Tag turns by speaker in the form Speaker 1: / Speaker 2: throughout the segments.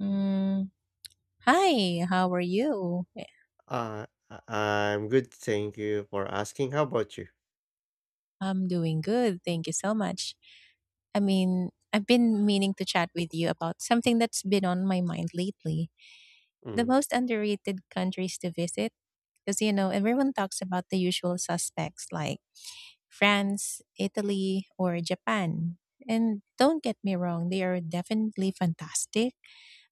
Speaker 1: Mm, Hi, how are you?
Speaker 2: I'm good, thank you for asking. How about you?
Speaker 1: I'm doing good. Thank you so much. I mean, I've been meaning to chat with you about something that's been on my mind lately. The
Speaker 2: Mm.
Speaker 1: most underrated countries to visit, because everyone talks about the usual suspects like France, Italy, or Japan. And don't get me wrong, they are definitely fantastic,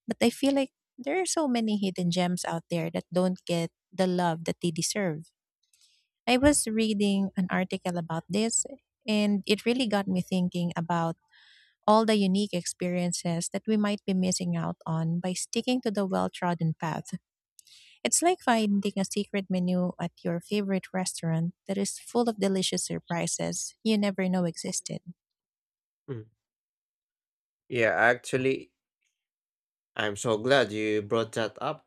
Speaker 1: but I feel like there are so many hidden gems out there that don't get the love that they deserve. I was reading an article about this, and it really got me thinking about all the unique experiences that we might be missing out on by sticking to the well trodden path. It's like finding a secret menu at your favorite restaurant that is full of delicious surprises you never know existed.
Speaker 2: Mm. Yeah, actually, I'm so glad you brought that up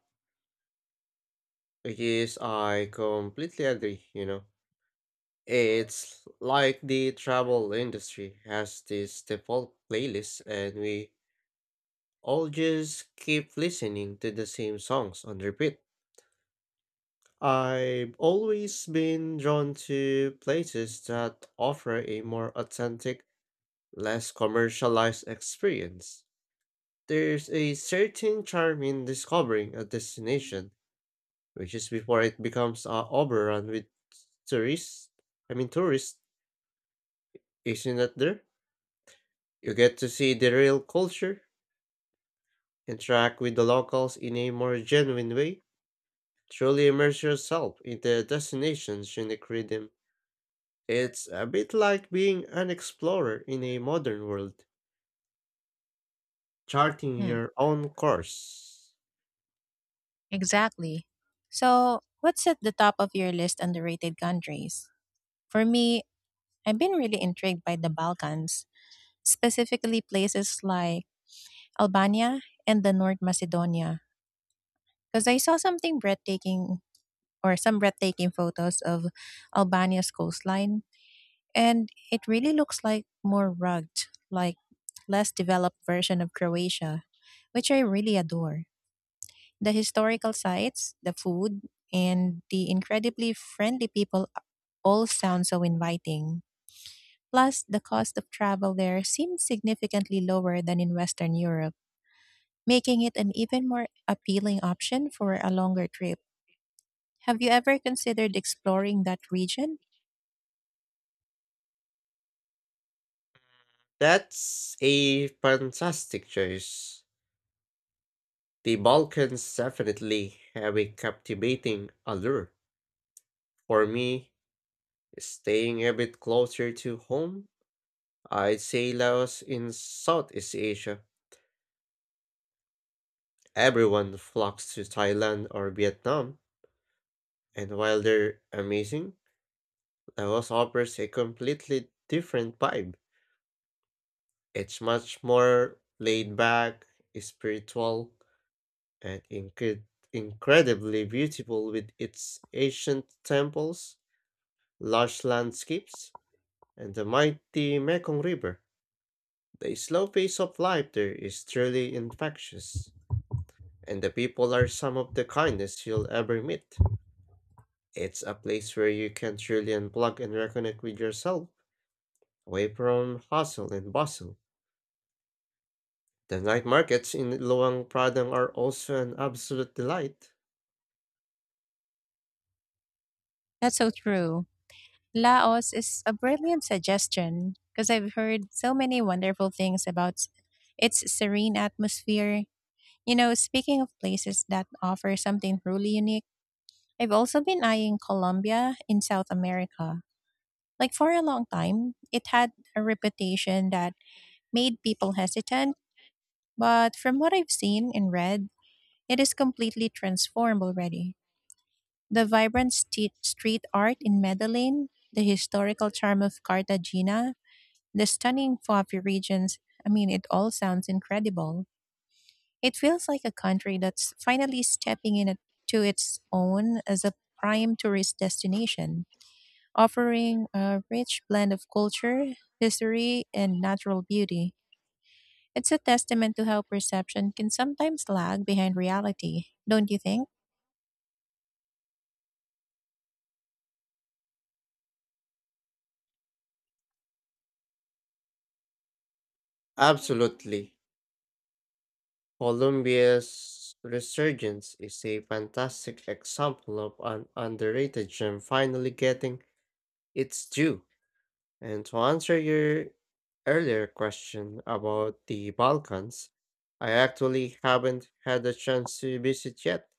Speaker 2: because I completely agree. It's like the travel industry has this default playlist, and we all just keep listening to the same songs on repeat. I've always been drawn to places that offer a more authentic, less commercialized experience. There's a certain charm in discovering a destination, which is before it becomes overrun with tourists. I mean, tourists, isn't that there? You get to see the real culture, interact with the locals in a more genuine way, truly immerse yourself in the destination's unique rhythm. It's a bit like being an explorer in a modern world, charting
Speaker 1: Hmm,
Speaker 2: your own course.
Speaker 1: exactly. So, what's at the top of your list underrated countries? For me, I've been really intrigued by the Balkans, specifically places like Albania and the North Macedonia because I saw some breathtaking photos of Albania's coastline, and it really looks like more rugged, like less developed version of Croatia, which I really adore. The historical sites, the food, and the incredibly friendly people all sound so inviting. Plus, the cost of travel there seems significantly lower than in Western Europe, making it an even more appealing option for a longer trip. Have you ever considered exploring that region?
Speaker 2: That's a fantastic choice. The Balkans definitely have a captivating allure. For me, staying a bit closer to home, I'd say Laos in Southeast Asia. Everyone flocks to Thailand or Vietnam, and while they're amazing, Laos offers a completely different vibe. It's much more laid back, spiritual, and incredibly beautiful with its ancient temples, lush landscapes, and the mighty Mekong River. The slow pace of life there is truly infectious, and the people are some of the kindest you'll ever meet. It's a place where you can truly unplug and reconnect with yourself, away from hustle and bustle. The night markets in Luang Prabang are also an absolute delight.
Speaker 1: That's so true. Laos is a brilliant suggestion because I've heard so many wonderful things about its serene atmosphere. Speaking of places that offer something truly unique, I've also been eyeing Colombia in South America. Like for a long time, it had a reputation that made people hesitant, but from what I've seen and read, it is completely transformed already. The vibrant street art in Medellin, the historical charm of Cartagena, the stunning coffee regions. I mean, it all sounds incredible. It feels like a country that's finally stepping to its own as a prime tourist destination, offering a rich blend of culture, history, and natural beauty. It's a testament to how perception can sometimes lag behind reality, don't you think?
Speaker 2: Absolutely. Colombia's resurgence is a fantastic example of an underrated gem finally getting its due. And to answer your earlier question about the Balkans, I actually haven't had a chance to visit yet,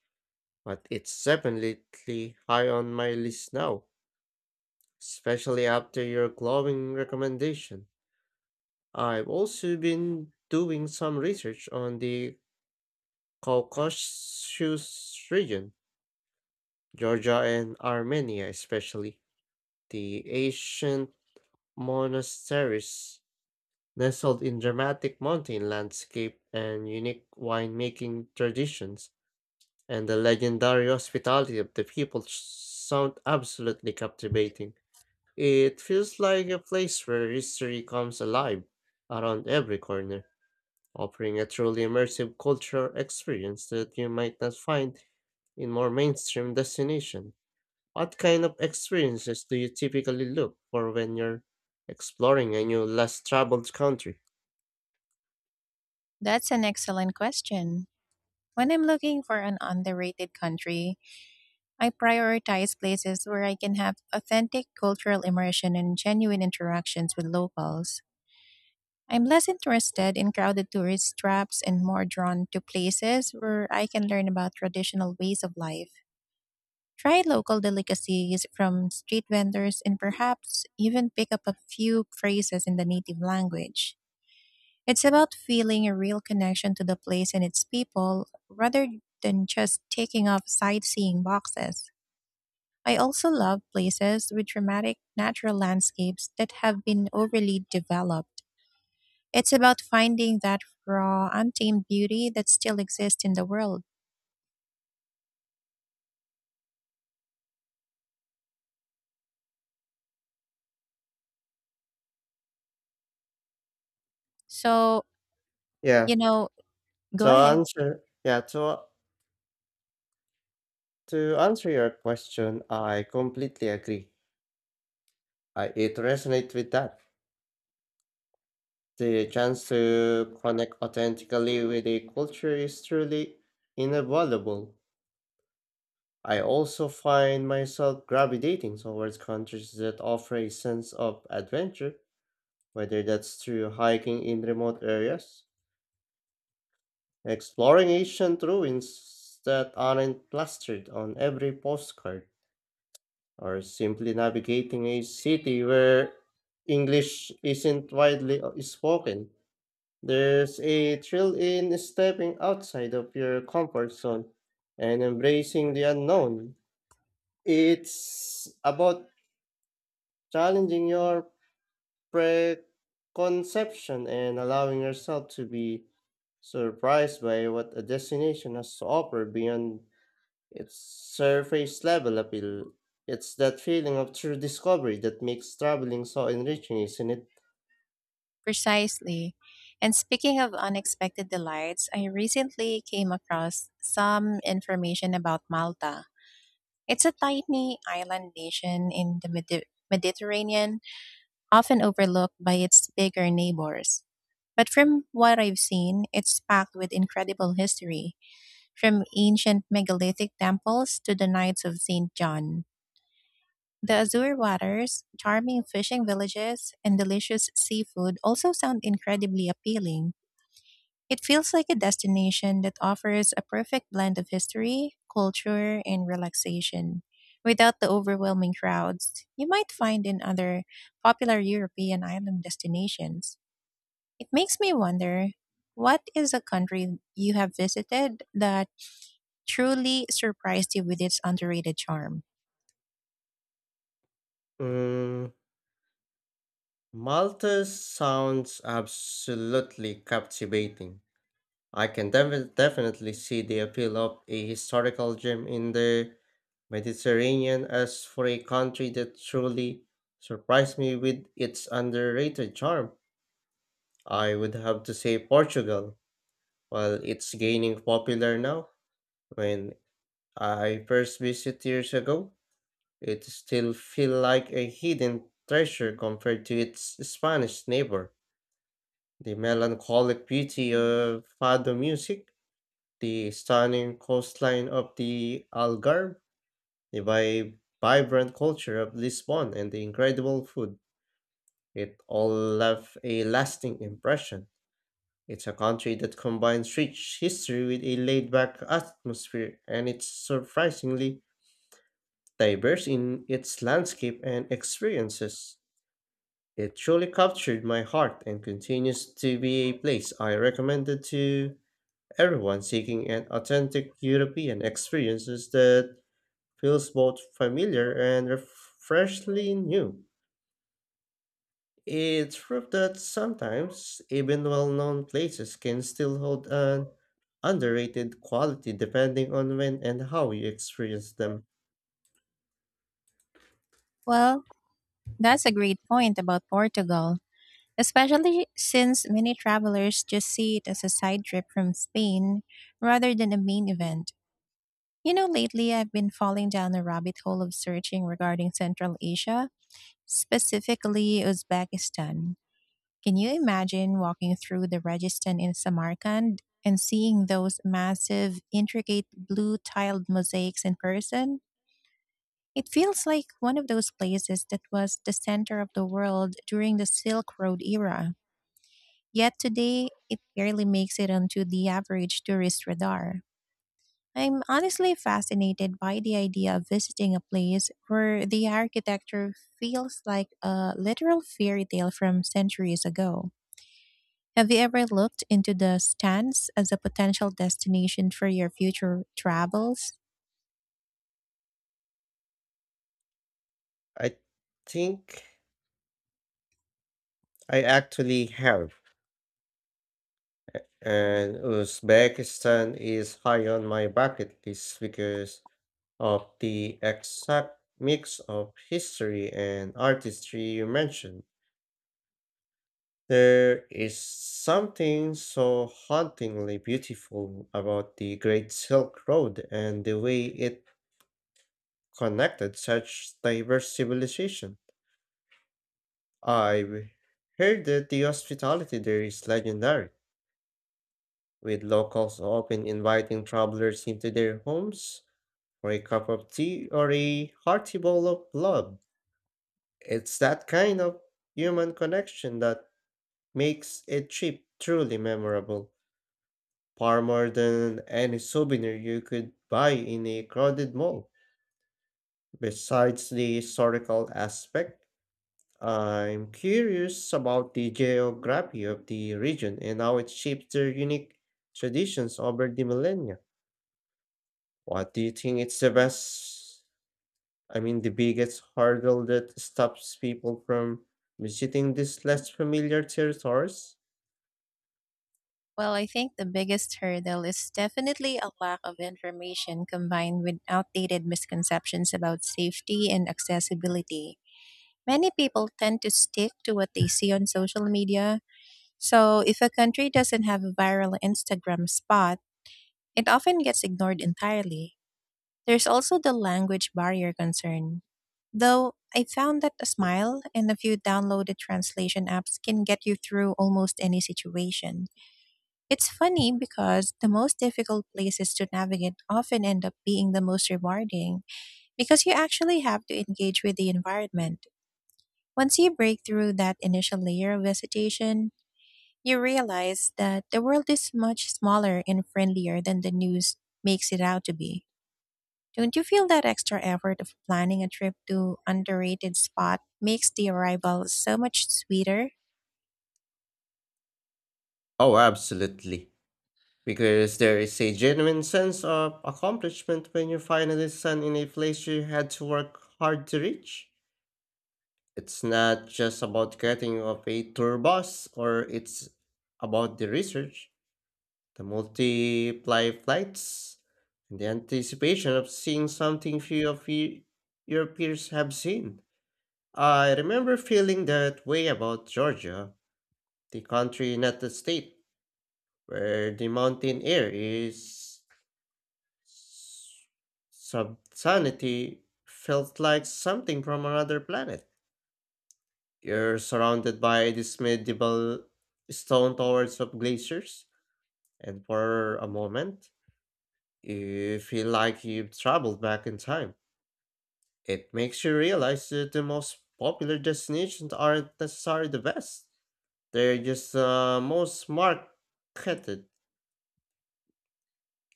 Speaker 2: but it's definitely high on my list now, especially after your glowing recommendation. I've also been doing some research on the Caucasus region, Georgia and Armenia especially, the ancient monasteries nestled in dramatic mountain landscape and unique winemaking traditions, and the legendary hospitality of the people sound absolutely captivating. It feels like a place where history comes alive around every corner, offering a truly immersive cultural experience that you might not find in more mainstream destination. What kind of experiences do you typically look for when you're exploring a new less traveled country?
Speaker 1: That's an excellent question. When I'm looking for an underrated country, I prioritize places where I can have authentic cultural immersion and genuine interactions with locals. I'm less interested in crowded tourist traps and more drawn to places where I can learn about traditional ways of life, try local delicacies from street vendors, and perhaps even pick up a few phrases in the native language. It's about feeling a real connection to the place and its people rather than just taking off sightseeing boxes. I also love places with dramatic natural landscapes that have been overly developed. It's about finding that raw, untamed beauty that still exists in the world. So,
Speaker 2: Yeah.
Speaker 1: you know, go
Speaker 2: To
Speaker 1: ahead.
Speaker 2: answer yeah, to to answer your question, I completely agree. I it resonates with that. The chance to connect authentically with a culture is truly invaluable. I also find myself gravitating towards countries that offer a sense of adventure, whether that's through hiking in remote areas, exploring ancient ruins that aren't plastered on every postcard, or simply navigating a city where English isn't widely spoken. There's a thrill in stepping outside of your comfort zone and embracing the unknown. It's about challenging your preconception and allowing yourself to be surprised by what a destination has to offer beyond it's surface level appeal. It's that feeling of true discovery that makes traveling so enriching, isn't it?
Speaker 1: Precisely. And speaking of unexpected delights, I recently came across some information about Malta. It's a tiny island nation in the Mediterranean, often overlooked by its bigger neighbors. But from what I've seen, it's packed with incredible history, from ancient megalithic temples to the Knights of St. John. The azure waters, charming fishing villages, and delicious seafood also sound incredibly appealing. It feels like a destination that offers a perfect blend of history, culture, and relaxation without the overwhelming crowds you might find in other popular European island destinations. It makes me wonder, what is a country you have visited that truly surprised you with its underrated charm?
Speaker 2: Mm. Malta sounds absolutely captivating. I can definitely see the appeal of a historical gem in the Mediterranean. As for a country that truly surprised me with its underrated charm, I would have to say Portugal. While it's gaining popular now, when I first visited years ago, it still feels like a hidden treasure compared to its Spanish neighbor. The melancholic beauty of fado music, the stunning coastline of the Algarve, the vibrant culture of Lisbon, and the incredible food. It all left a lasting impression. It's a country that combines rich history with a laid back atmosphere, and it's surprisingly diverse in its landscape and experiences. It truly captured my heart and continues to be a place I recommended to everyone seeking an authentic European experiences that feels both familiar and freshly new. It's proof that sometimes even well-known places can still hold an underrated quality depending on when and how you experience them.
Speaker 1: Well, that's a great point about Portugal, especially since many travelers just see it as a side trip from Spain rather than a main event. Lately I've been falling down a rabbit hole of searching regarding Central Asia, specifically Uzbekistan. Can you imagine walking through the Registan in Samarkand and seeing those massive, intricate blue tiled mosaics in person? It feels like one of those places that was the center of the world during the Silk Road era. Yet today, it barely makes it onto the average tourist radar. I'm honestly fascinated by the idea of visiting a place where the architecture feels like a literal fairy tale from centuries ago. Have you ever looked into the stands as a potential destination for your future travels?
Speaker 2: I think I actually have. And Uzbekistan is high on my bucket list because of the exact mix of history and artistry you mentioned. There is something so hauntingly beautiful about the Great Silk Road and the way it connected such diverse civilization. I've heard that the hospitality there is legendary, with locals often inviting travelers into their homes or a cup of tea, or a hearty bowl of love. It's that kind of human connection that makes a trip truly memorable, far more than any souvenir you could buy in a crowded mall. Besides the historical aspect, I'm curious about the geography of the region and how it shapes their unique traditions over the millennia. What do you think is the best, I mean, the biggest hurdle that stops people from visiting these less familiar territories?
Speaker 1: Well, I think the biggest hurdle is definitely a lack of information combined with outdated misconceptions about safety and accessibility. Many people tend to stick to what they see on social media. So, if a country doesn't have a viral Instagram spot, it often gets ignored entirely. There's also the language barrier concern. Though I found that a smile and a few downloaded translation apps can get you through almost any situation. It's funny because the most difficult places to navigate often end up being the most rewarding, because you actually have to engage with the environment. Once you break through that initial layer of hesitation, you realize that the world is much smaller and friendlier than the news makes it out to be. Don't you feel that extra effort of planning a trip to underrated spot makes the arrival so much sweeter?
Speaker 2: Oh, absolutely. Because there is a genuine sense of accomplishment when you finally stand in a place you had to work hard to reach. It's not just about getting off a tour bus, or it's about the research, the multiply flights, and the anticipation of seeing something few of you, your peers have seen. I remember feeling that way about Georgia, the country, not the state, where the mountain air is subsanity felt like something from another planet. You're surrounded by these medieval stone towers of glaciers, and for a moment, you feel like you've traveled back in time. It makes you realize that the most popular destinations aren't necessarily the best. They're just most marketed.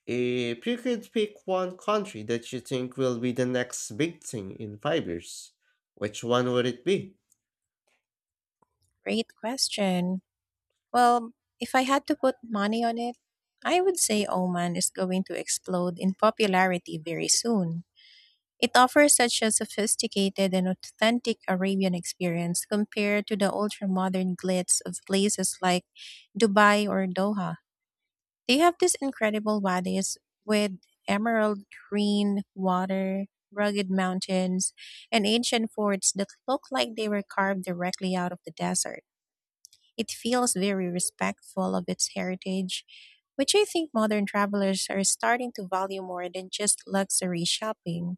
Speaker 2: If you could pick one country that you think will be the next big thing in 5 years, which one would it be?
Speaker 1: Great question. Well, if I had to put money on it, I would say Oman is going to explode in popularity very soon. It offers such a sophisticated and authentic Arabian experience compared to the ultra-modern glitz of places like Dubai or Doha. They have these incredible wadis with emerald green water, rugged mountains, and ancient forts that look like they were carved directly out of the desert. It feels very respectful of its heritage, which I think modern travelers are starting to value more than just luxury shopping.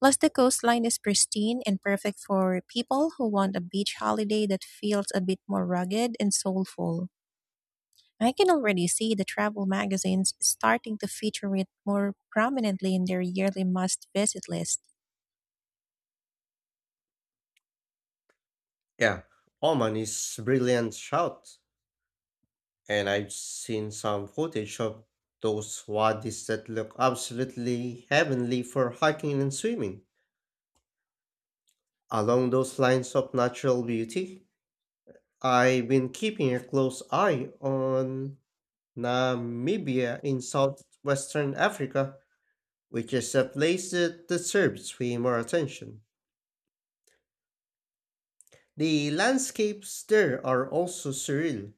Speaker 1: Plus, the coastline is pristine and perfect for people who want a beach holiday that feels a bit more rugged and soulful. I can already see the travel magazines starting to feature it more prominently in their yearly must visit list.
Speaker 2: Yeah, Oman is brilliant shout, and I've seen some footage of those wadis that look absolutely heavenly for hiking and swimming. Along those lines of natural beauty, I've been keeping a close eye on Namibia in southwestern Africa, which is a place that deserves way more attention. The landscapes there are also surreal,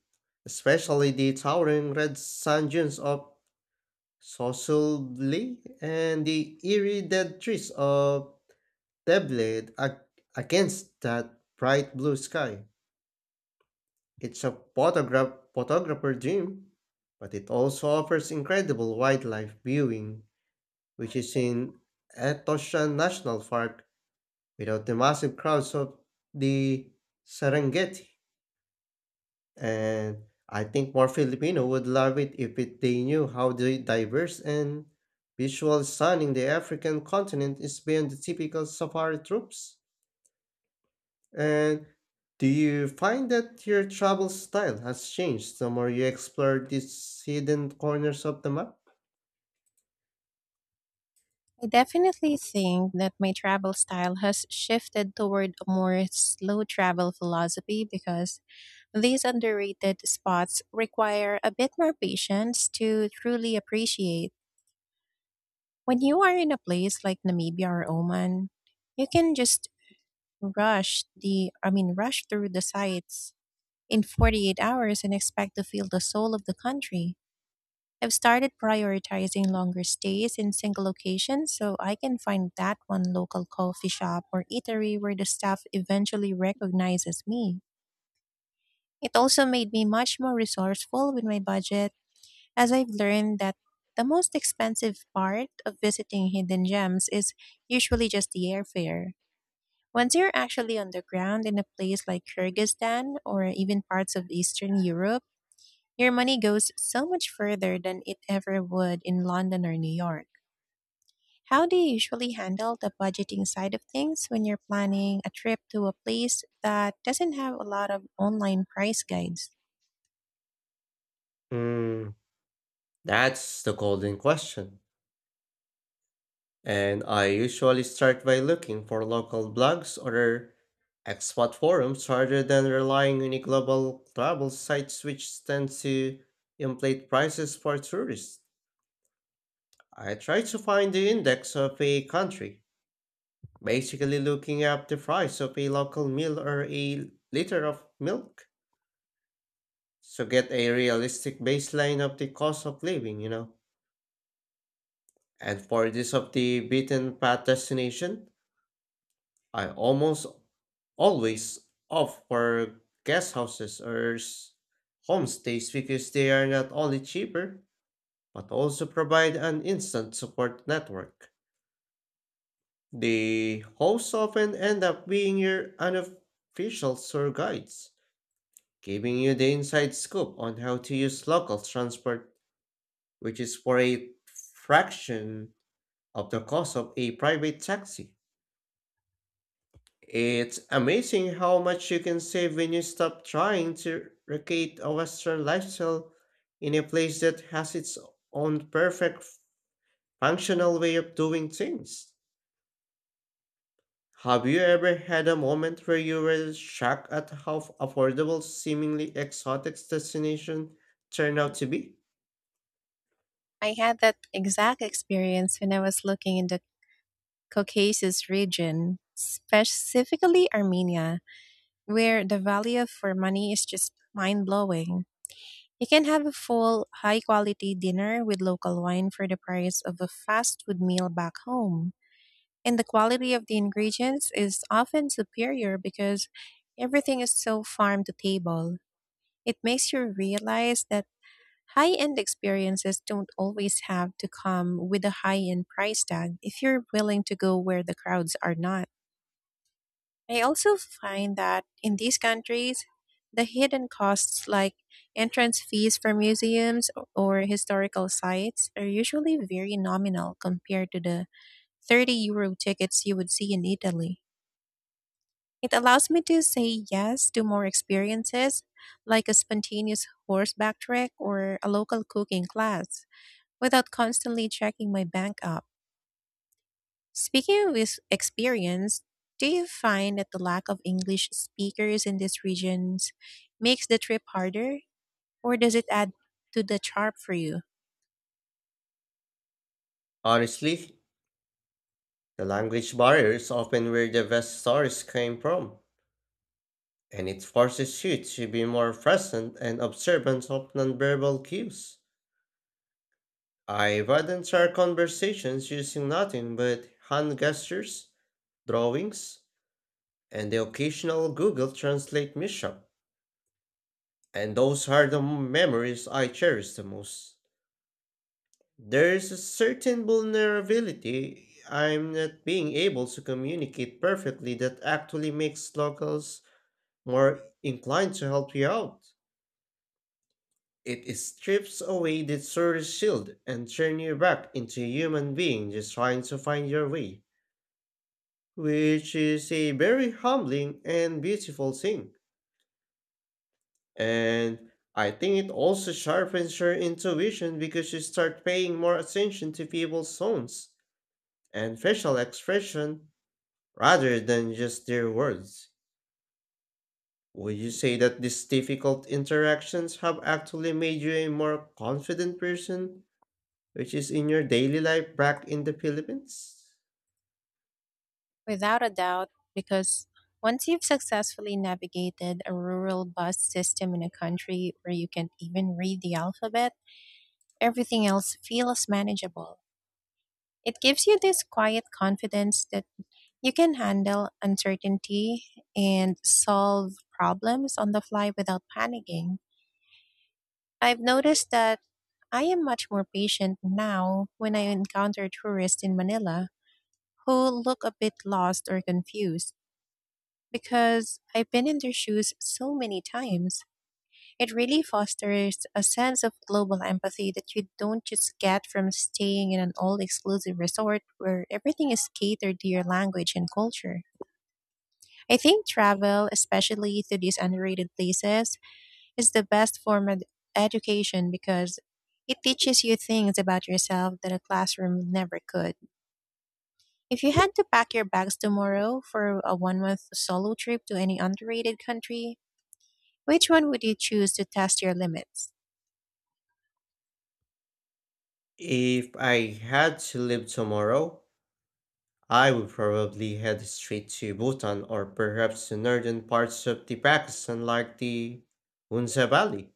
Speaker 2: especially the towering red sand dunes of Sosoli and the eerie dead trees of Deblade against that bright blue sky. It's a photographer dream, but it also offers incredible wildlife viewing, which is in Etosha National Park, without the massive crowds of the Serengeti. And I think more Filipino would love it if they knew how the diverse and visual stunning the African continent is beyond the typical safari trips. And do you find that your travel style has changed the more you explore these hidden corners of the map?
Speaker 1: I definitely think that my travel style has shifted toward a more slow travel philosophy, because these underrated spots require a bit more patience to truly appreciate. When you are in a place like Namibia or Oman, you can just rush the I mean, rush through the sites in 48 hours and expect to feel the soul of the country. I've started prioritizing longer stays in single locations, so I can find that one local coffee shop or eatery where the staff eventually recognizes me. It also made me much more resourceful with my budget, as I've learned that the most expensive part of visiting hidden gems is usually just the airfare. Once you're actually on the ground in a place like Kyrgyzstan or even parts of Eastern Europe, your money goes so much further than it ever would in London or New York. How do you usually handle the budgeting side of things when you're planning a trip to a place that doesn't have a lot of online price guides?
Speaker 2: Mm, that's the golden question. And I usually start by looking for local blogs or expat forums rather than relying on a global travel sites which tend to inflate prices for tourists. I try to find the index of a country, basically looking up the price of a local meal or a liter of milk to get a realistic baseline of the cost of living. And for this of the beaten path destination, I almost always opt for guest houses or homestays because they are not only cheaper but also provide an instant support network. The hosts often end up being your unofficial tour guides, giving you the inside scoop on how to use local transport, which is for a fraction of the cost of a private taxi. It's amazing how much you can save when you stop trying to recreate a Western lifestyle in a place that has its own perfect functional way of doing things. Have you ever had a moment where you were shocked at how affordable seemingly exotic destination turned out to be?
Speaker 1: I had that exact experience when I was looking into Caucasus region, specifically Armenia, where the value for money is just mind blowing. You can have a full, high quality dinner with local wine for the price of a fast food meal back home. And the quality of the ingredients is often superior, because everything is so farm to table. It makes you realize that high end experiences don't always have to come with a high end price tag if you're willing to go where the crowds are not. I also find that in these countries, the hidden costs like entrance fees for museums or historical sites are usually very nominal compared to the €30 tickets you would see in Italy. It allows me to say yes to more experiences, like a spontaneous horseback trek or a local cooking class, without constantly checking my bank app. Speaking of experience, do you find that the lack of English speakers in these regions makes the trip harder, or does it add to the charm for you?
Speaker 2: Honestly, the language barrier is often where the best stories came from, and it forces you to be more present and observant of nonverbal cues. I've had entire conversations using nothing but hand gestures, drawings, and the occasional Google Translate mishap. And those are the memories I cherish the most. There is a certain vulnerability I'm not being able to communicate perfectly that actually makes locals more inclined to help you out. It strips away the tourist shield and turns you back into a human being just trying to find your way, which is a very humbling and beautiful thing. And I think it also sharpens your intuition because you start paying more attention to people's tones and facial expression rather than just their words. Would you say that these difficult interactions have actually made you a more confident person, which is in your daily life back in the Philippines?
Speaker 1: Without a doubt, because once you've successfully navigated a rural bus system in a country where you can't even read the alphabet, everything else feels manageable. It gives you this quiet confidence that you can handle uncertainty and solve problems on the fly without panicking. I've noticed that I am much more patient now when I encounter tourists in Manila who look a bit lost or confused, because I've been in their shoes so many times. It really fosters a sense of global empathy that you don't just get from staying in an all exclusive resort where everything is catered to your language and culture. I think travel, especially to these underrated places, it's the best form of education, because it teaches you things about yourself that a classroom never could. If you had to pack your bags tomorrow for a one month solo trip to any underrated country, which one would you choose to test your limits?
Speaker 2: If I had to live tomorrow, I would probably head straight to Bhutan or perhaps the northern parts of the Pakistan like the Hunza Valley.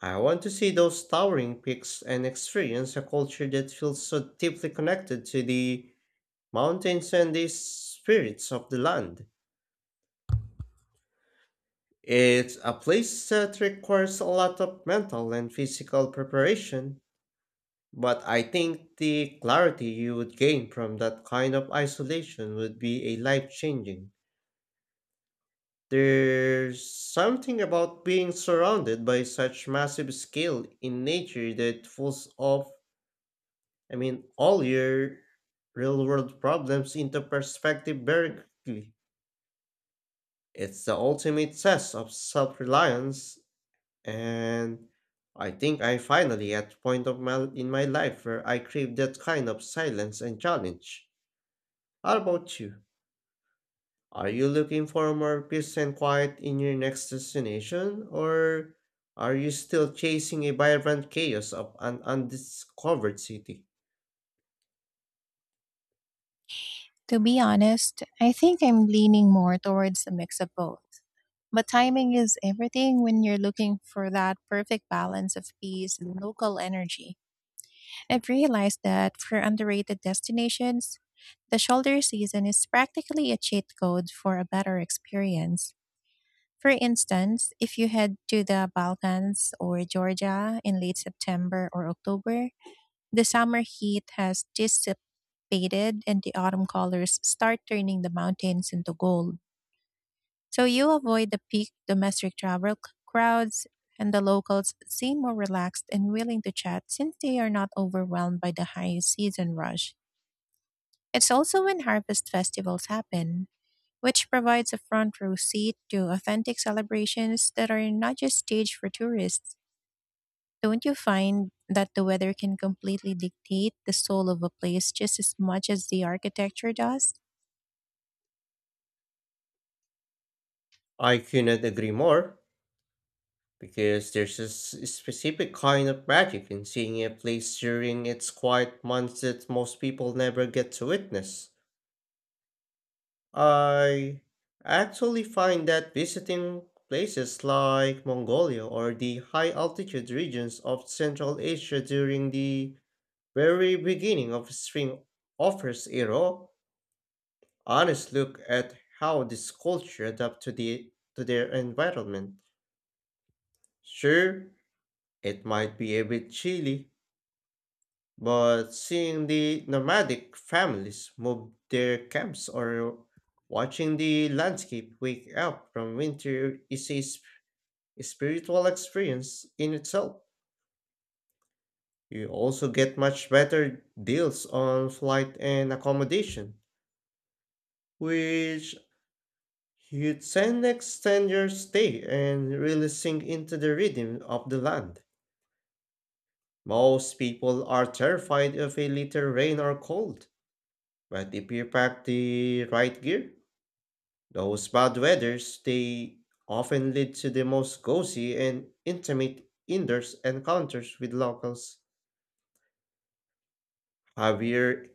Speaker 2: I want to see those towering peaks and experience a culture that feels so deeply connected to the mountains and the spirits of the land. It's a place that requires a lot of mental and physical preparation, but I think the clarity you would gain from that kind of isolation would be a life changing. There's something about being surrounded by such massive scale in nature that pulls off, I mean, all your real world problems into perspective very quickly. It's the ultimate test of self reliance, and I think I finally at a point of in my life where I crave that kind of silence and challenge. How about you? Are you looking for more peace and quiet in your next destination, or are you still chasing a vibrant chaos of an undiscovered city?
Speaker 1: To be honest, I think I'm leaning more towards a mix of both. But timing is everything when you're looking for that perfect balance of peace and local energy. I've realized that for underrated destinations, the shoulder season is practically a cheat code for a better experience. For instance, if you head to the Balkans or Georgia in late September or October, the summer heat has dissipated and the autumn colors start turning the mountains into gold. So you avoid the peak domestic travel crowds, and the locals seem more relaxed and willing to chat since they are not overwhelmed by the high season rush. It's also when harvest festivals happen, which provides a front row seat to authentic celebrations that are not just staged for tourists. Don't you find that the weather can completely dictate the soul of a place just as much as the architecture does?
Speaker 2: I cannot agree more, because there's a specific kind of magic in seeing a place during its quiet months that most people never get to witness. I actually find that visiting places like Mongolia or the high altitude regions of Central Asia during the very beginning of spring offers a raw, honest look at how this culture adapt to their environment. Sure, it might be a bit chilly, but seeing the nomadic families move their camps or watching the landscape wake up from winter is a spiritual experience in itself. You also get much better deals on flight and accommodation, which you can extend your stay and really sink into the rhythm of the land. Most people are terrified of a little rain or cold, but if you pack the right gear, those bad weathers, they often lead to the most cozy and intimate indoor encounters with locals. Have you,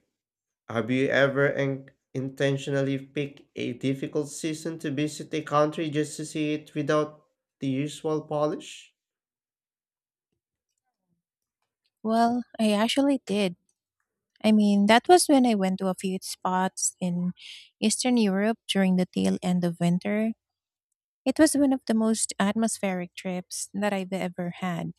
Speaker 2: have you ever intentionally picked a difficult season to visit a country just to see it without the usual polish?
Speaker 1: Well, I actually did. I mean, that was when I went to a few spots in Eastern Europe during the tail end of winter. It was one of the most atmospheric trips that I've ever had.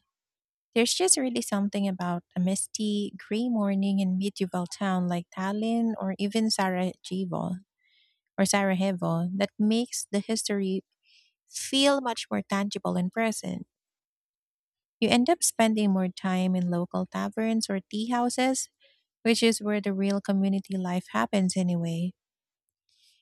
Speaker 1: There's just really something about a misty, gray morning in medieval town like Tallinn or even Sarajevo that makes the history feel much more tangible and present. You end up spending more time in local taverns or tea houses, which is where the real community life happens anyway.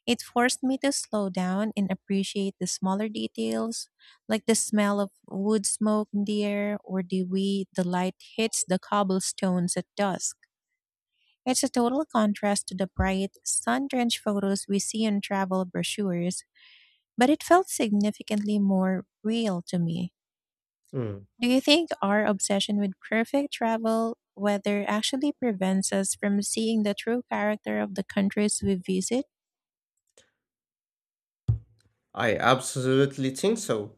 Speaker 1: It forced me to slow down and appreciate the smaller details, like the smell of wood smoke in the air or the way the light hits the cobblestones at dusk. It's a total contrast to the bright, sun drenched photos we see in travel brochures, but it felt significantly more real to me.
Speaker 2: Hmm,
Speaker 1: Do you think our obsession with perfect travel weather actually prevents us from seeing the true character of the countries we visit?
Speaker 2: I absolutely think so,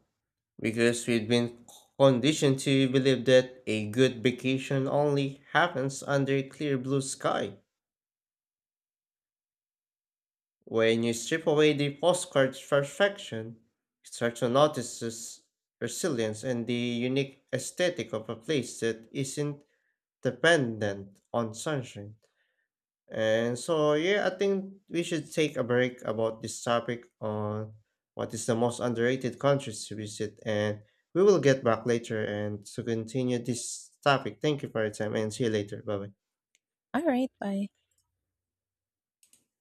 Speaker 2: because we've been conditioned to believe that a good vacation only happens under a clear blue sky. When you strip away the postcard's perfection, you start to notice its resilience and the unique aesthetic of a place that isn't dependent on sunshine. And so, yeah, I think we should take a break about this topic on what is the most underrated countries to visit. And we will get back later and to continue this topic. Thank you for your time and see you later. Bye bye.
Speaker 1: All right, bye.